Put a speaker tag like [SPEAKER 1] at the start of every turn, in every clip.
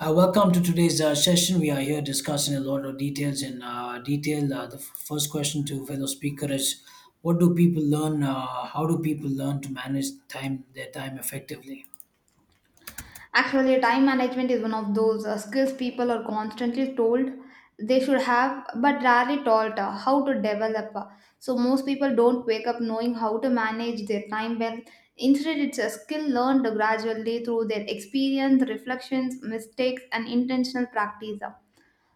[SPEAKER 1] Welcome to today's session. We are here discussing a lot of details in detail. The first question to fellow speaker is, what do people learn? How do people learn to manage time their time effectively?
[SPEAKER 2] Actually, time management is one of those skills people are constantly told they should have, but rarely taught how to develop. So, most people don't wake up knowing how to manage their time well. Instead, it's a skill learned gradually through their experience, reflections, mistakes, and intentional practice. Uh,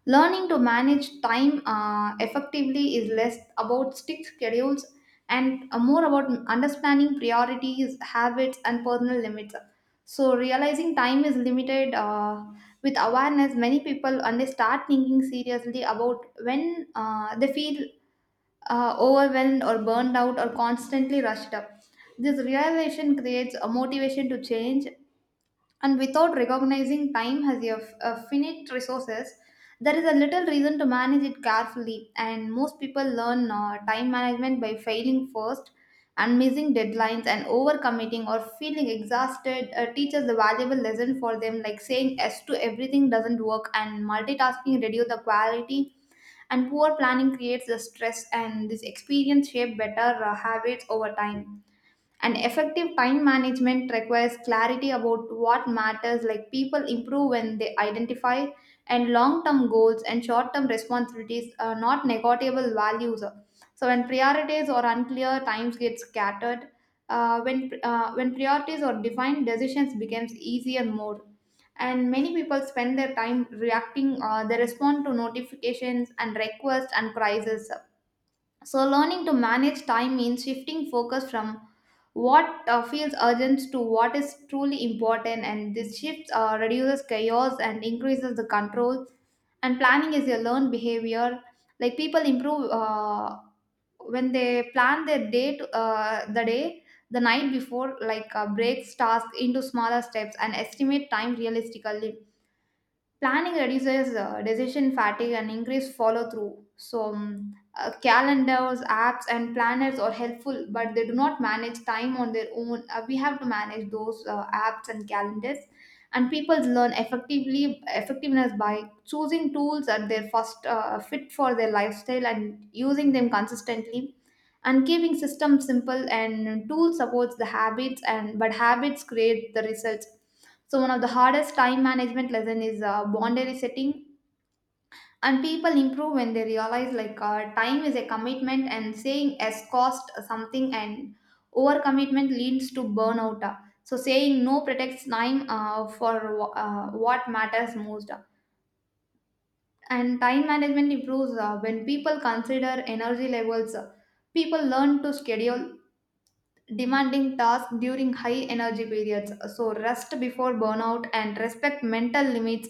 [SPEAKER 2] Learning to manage time effectively is less about strict schedules and more about understanding priorities, habits, and personal limits. So, realizing time is limited with awareness, many people and they start thinking seriously about when they feel overwhelmed or burned out or constantly rushed up. This realization creates a motivation to change, and without recognizing time has a finite resources, there is a little reason to manage it carefully. And most people learn time management by failing first and missing deadlines and overcommitting or feeling exhausted. Teaches the valuable lesson for them, like saying yes to everything doesn't work and multitasking reduce the quality and poor planning creates the stress, and this experience shape better habits over time. And effective time management requires clarity about what matters, like people improve when they identify, and long term goals and short term responsibilities are not negotiable values. So, when priorities are unclear, times get scattered. When priorities are defined, decisions becomes easier more. And many people spend their time reacting, they respond to notifications and requests and crises, so learning to manage time means shifting focus from what feels urgent to what is truly important, and this shift reduces chaos and increases the control. And planning is a learned behavior. Like people improve when they plan their day, the night before, like breaks tasks into smaller steps and estimate time realistically. Planning reduces decision fatigue and increase follow through. So, calendars, apps, and planners are helpful, but they do not manage time on their own. We have to manage those apps and calendars. And people learn effectively effectiveness by choosing tools that they are first fit for their lifestyle and using them consistently. And keeping systems simple and tools supports the habits, and but habits create the results. So one of the hardest time management lesson is boundary setting, and people improve when they realize like time is a commitment, and saying yes cost something, and overcommitment leads to burnout. So saying no protects time for what matters most, and time management improves when people consider energy levels. People learn to schedule demanding tasks during high energy periods. So, rest before burnout and respect mental limits,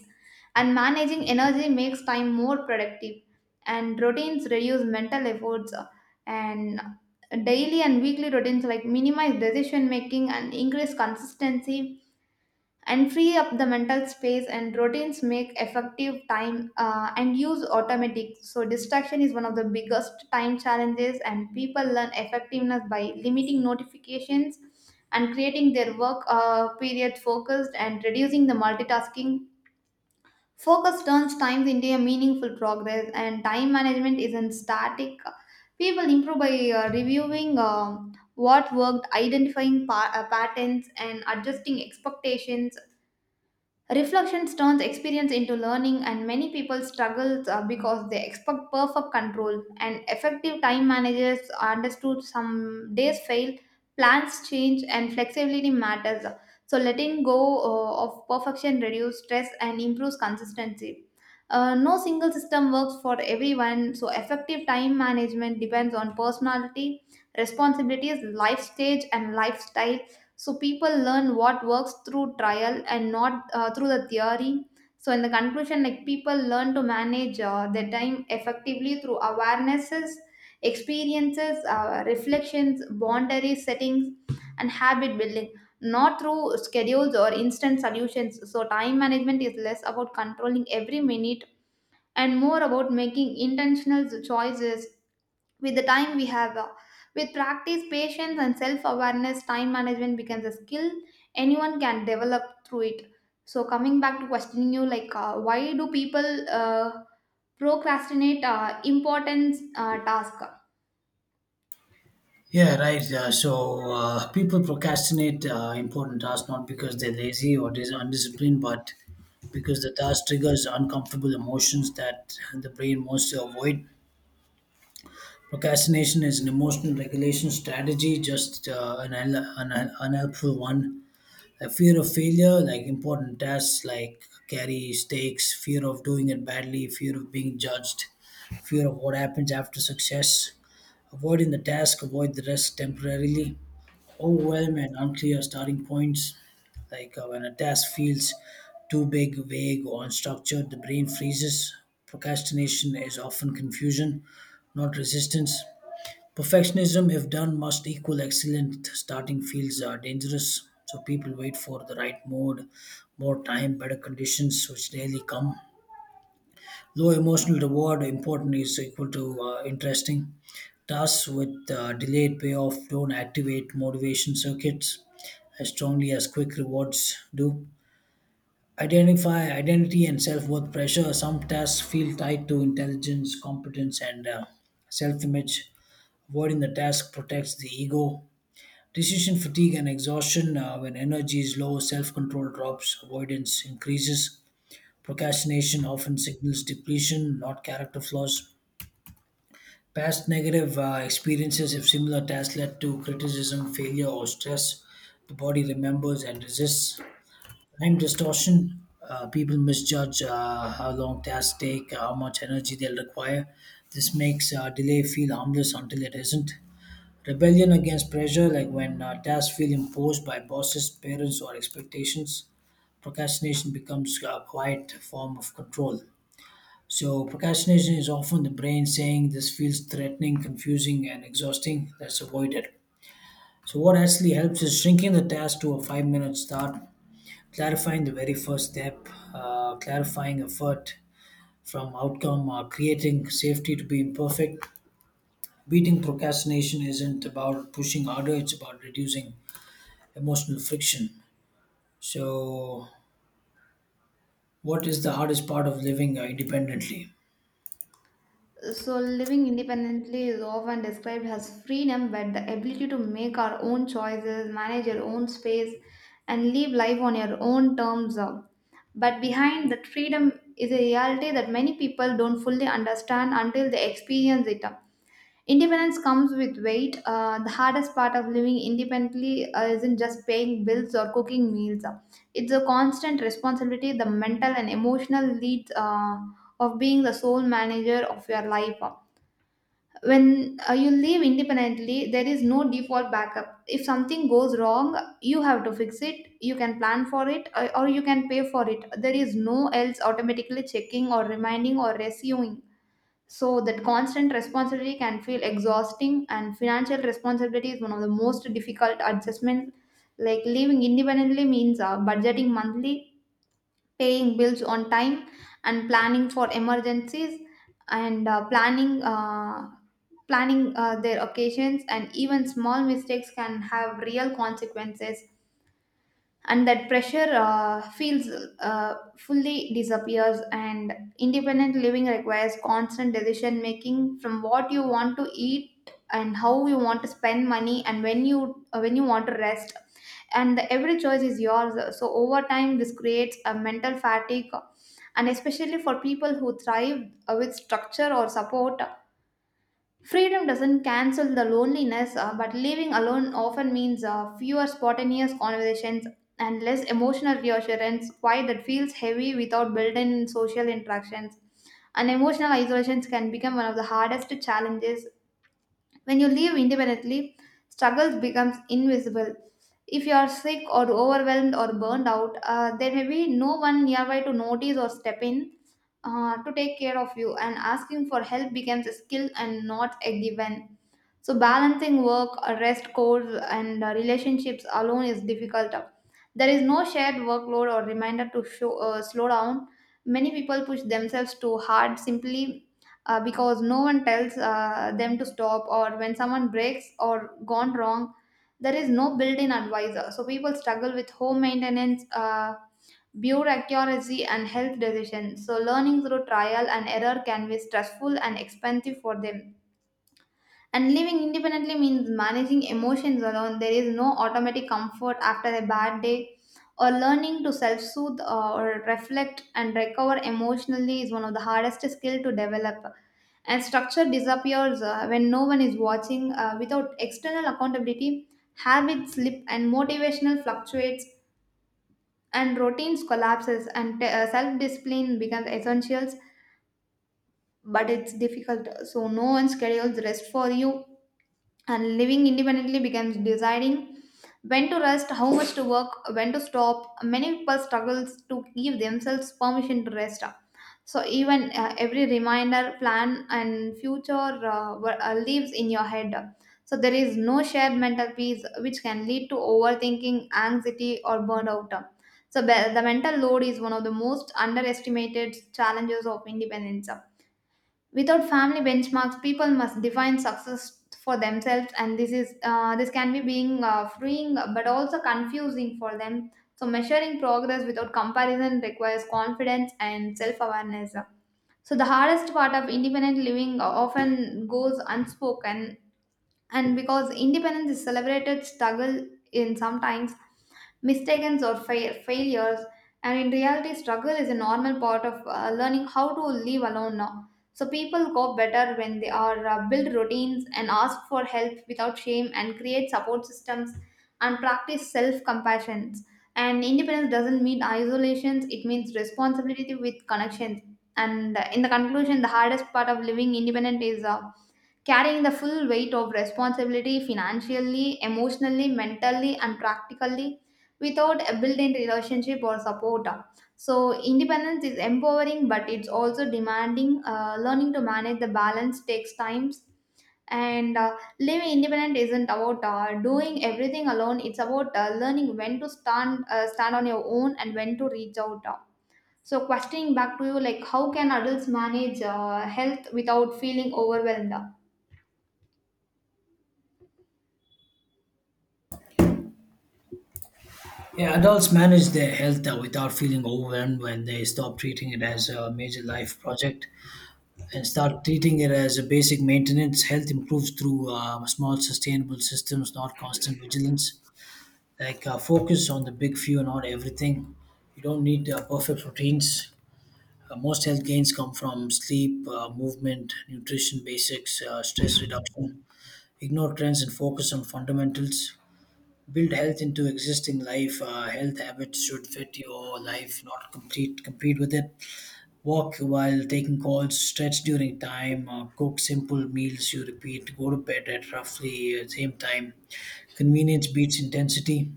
[SPEAKER 2] and managing energy makes time more productive. And routines reduce mental efforts, and daily and weekly routines like minimize decision making and increase consistency and free up the mental space, and routines make effective time and use automatic. So distraction is one of the biggest time challenges, and people learn effectiveness by limiting notifications and creating their work period focused and reducing the multitasking. Focus turns times into a meaningful progress, and time management isn't static. People improve by reviewing what worked, identifying patterns and adjusting expectations. Reflection turns experience into learning, and many people struggle because they expect perfect control, and effective time managers are understood some days fail, plans change, and flexibility matters. So, letting go of perfection reduces stress and improves consistency. No single system works for everyone, so effective time management depends on personality, responsibilities, life stage, and lifestyle. So people learn what works through trial and not through the theory. So in the conclusion, like people learn to manage their time effectively through awarenesses, experiences, reflections, boundary settings, and habit building, not through schedules or instant solutions. So time management is less about controlling every minute and more about making intentional choices with the time we have. With practice patience and self awareness, time management becomes a skill anyone can develop through it. So coming back to questioning you, like why do people procrastinate important task?
[SPEAKER 1] Yeah, right. People procrastinate important tasks not because they're lazy or undisciplined, but because the task triggers uncomfortable emotions that the brain wants to avoid. Procrastination is an emotional regulation strategy, just an unhelpful one. A fear of failure, like important tasks, like carry stakes, fear of doing it badly, fear of being judged, fear of what happens after success, avoiding the task, avoid the risk temporarily, overwhelm and unclear starting points, when a task feels too big, vague, or unstructured, the brain freezes. Procrastination is often confusion, not resistance. Perfectionism, if done, must equal excellent. Starting fields are dangerous, so people wait for the right mood, more time, better conditions, which rarely come. Low emotional reward, important is equal to interesting. Tasks with delayed payoff don't activate motivation circuits as strongly as quick rewards do. Identify identity and self worth pressure. Some tasks feel tied to intelligence, competence, and self image. Avoiding the task protects the ego. Decision fatigue and exhaustion, when energy is low, self control drops, avoidance increases, procrastination often signals depletion, not character flaws. Past negative experiences, if similar tasks led to criticism, failure, or stress, the body remembers and resists. Time distortion. People misjudge how long tasks take, how much energy they'll require. This makes delay feel harmless until it isn't. Rebellion against pressure, like when tasks feel imposed by bosses, parents, or expectations. Procrastination becomes a quiet form of control. So, procrastination is often the brain saying this feels threatening, confusing, and exhausting. Let's avoid it. So, what actually helps is shrinking the task to a 5-minute start, clarifying the very first step, clarifying effort from outcome, creating safety to be imperfect. Beating procrastination isn't about pushing harder, it's about reducing emotional friction. So, what is the hardest part of living independently?
[SPEAKER 2] So living independently is often described as freedom, but the ability to make our own choices, manage your own space, and live life on your own terms, but behind that freedom is a reality that many people don't fully understand until they experience it. Independence comes with weight. The hardest part of living independently isn't just paying bills or cooking meals. It's a constant responsibility, the mental and emotional leads of being the sole manager of your life. When you live independently, there is no default backup. If something goes wrong you have to fix it, you can plan for it, or you can pay for it. There is no else automatically checking or reminding or rescuing. So that constant responsibility can feel exhausting, and financial responsibility is one of the most difficult adjustments, like living independently means budgeting monthly, paying bills on time, and planning for emergencies, and planning their occasions. And even small mistakes can have real consequences, and that pressure feels fully disappears. And independent living requires constant decision making, from what you want to eat and how you want to spend money and when you want to rest, and every choice is yours. So over time this creates a mental fatigue, and especially for people who thrive with structure or support. Freedom doesn't cancel the loneliness, but living alone often means fewer spontaneous conversations and less emotional reassurance, why that feels heavy without built in social interactions. And emotional isolations can become one of the hardest challenges. When you live independently, struggles becomes invisible. If you are sick or overwhelmed or burned out, there may be no one nearby to notice or step in to take care of you, and asking for help becomes a skill and not a given. So balancing work, rest, goals, and relationships alone is difficult. There is no shared workload or reminder to show, slow down. Many people push themselves too hard simply because no one tells them to stop, or when someone breaks or gone wrong, there is no built-in advisor. So people struggle with home maintenance. Build and health decisions. So learning through trial and error can be stressful and expensive for them. And living independently means managing emotions alone. There is no automatic comfort after a bad day, or learning to self soothe or reflect and recover emotionally is one of the hardest skills to develop. And structure disappears when no one is watching. Without external accountability, habits slip and motivational fluctuates, and routines collapses. And self discipline becomes essentials, but it's difficult. So no one schedules rest for you, and living independently becomes deciding when to rest, how much to work, when to stop. Many people struggles to give themselves permission to rest. So even every reminder, plan, and future lives in your head. So there is no shared mental peace, which can lead to overthinking, anxiety, or burnout. So be- the mental load is one of the most underestimated challenges of independence. Without family benchmarks, people must define success for themselves, and this can be being freeing, but also confusing for them. So measuring progress without comparison requires confidence and self-awareness. So the hardest part of independent living often goes unspoken, and because independence is celebrated struggle, in sometimes mistakes or failures. And in reality struggle is a normal part of learning how to live alone now. So people cope better when they are build routines and ask for help without shame and create support systems and practice self compassion. And independence doesn't mean isolations, it means responsibility with connections. And in the conclusion, the hardest part of living independent is carrying the full weight of responsibility financially, emotionally, mentally, and practically without a built in relationship or support. So, independence is empowering, but it's also demanding. Learning to manage the balance takes time. And living independent isn't about doing everything alone. It's about learning when to stand on your own and when to reach out. So, questioning back to you, like how can adults manage health without feeling overwhelmed?
[SPEAKER 1] Yeah, adults manage their health without feeling overwhelmed when they stop treating it as a major life project and start treating it as a basic maintenance. Health improves through small, sustainable systems, not constant vigilance. Focus on the big few, not everything. You don't need perfect routines. Most health gains come from sleep, movement, nutrition basics, stress reduction. Ignore trends and focus on fundamentals. Build health into existing life. Health habits should fit your life, not complete compete with it. Walk while taking calls. Stretch during time. Cook simple meals you repeat. Go to bed at roughly same time. Convenience beats intensity.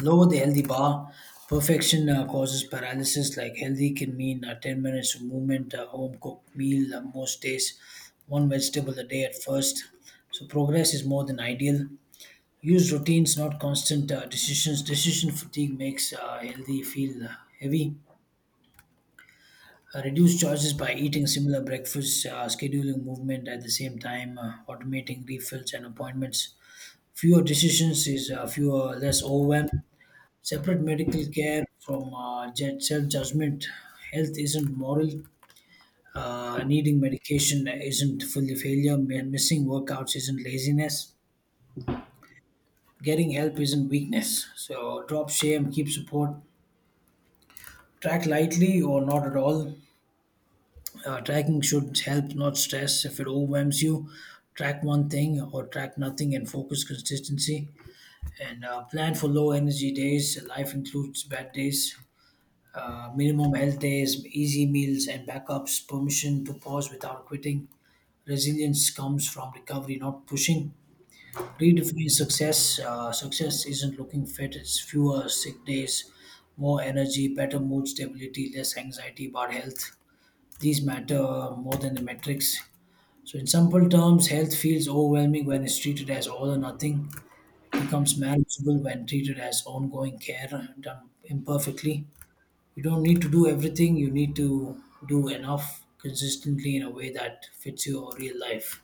[SPEAKER 1] Lower the healthy bar. Perfection causes paralysis. Like healthy can mean 10 minutes of movement, a home cooked meal most days, one vegetable a day at first. So progress is more than ideal. Use routines, not constant decisions. Decision fatigue makes healthy feel heavy. Reduce choices by eating similar breakfasts, scheduling movement at the same time, automating refills and appointments. Fewer decisions is fewer, Less overwhelmed. Separate medical care from self-judgment. Health isn't moral. Needing medication isn't fully failure. Missing workouts isn't laziness. Getting help isn't weakness. So drop shame, keep support. Track lightly or not at all. Tracking should help, not stress. If it overwhelms you, track one thing or track nothing and focus consistency. And Plan for low energy days. Life includes bad days. Minimum health days, easy meals and backups, permission to pause without quitting. Resilience comes from recovery, not pushing. Redefine success. Success isn't looking fit, it's fewer sick days, more energy, better mood stability, less anxiety about health. These matter more than the metrics. So, in simple terms, health feels overwhelming when it's treated as all or nothing, becomes manageable when treated as ongoing care done imperfectly. You don't need to do everything, you need to do enough consistently in a way that fits your real life.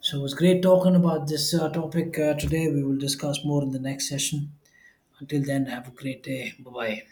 [SPEAKER 1] So it was great talking about this topic today. We will discuss more in the next session. Until then, have a great day. Bye bye.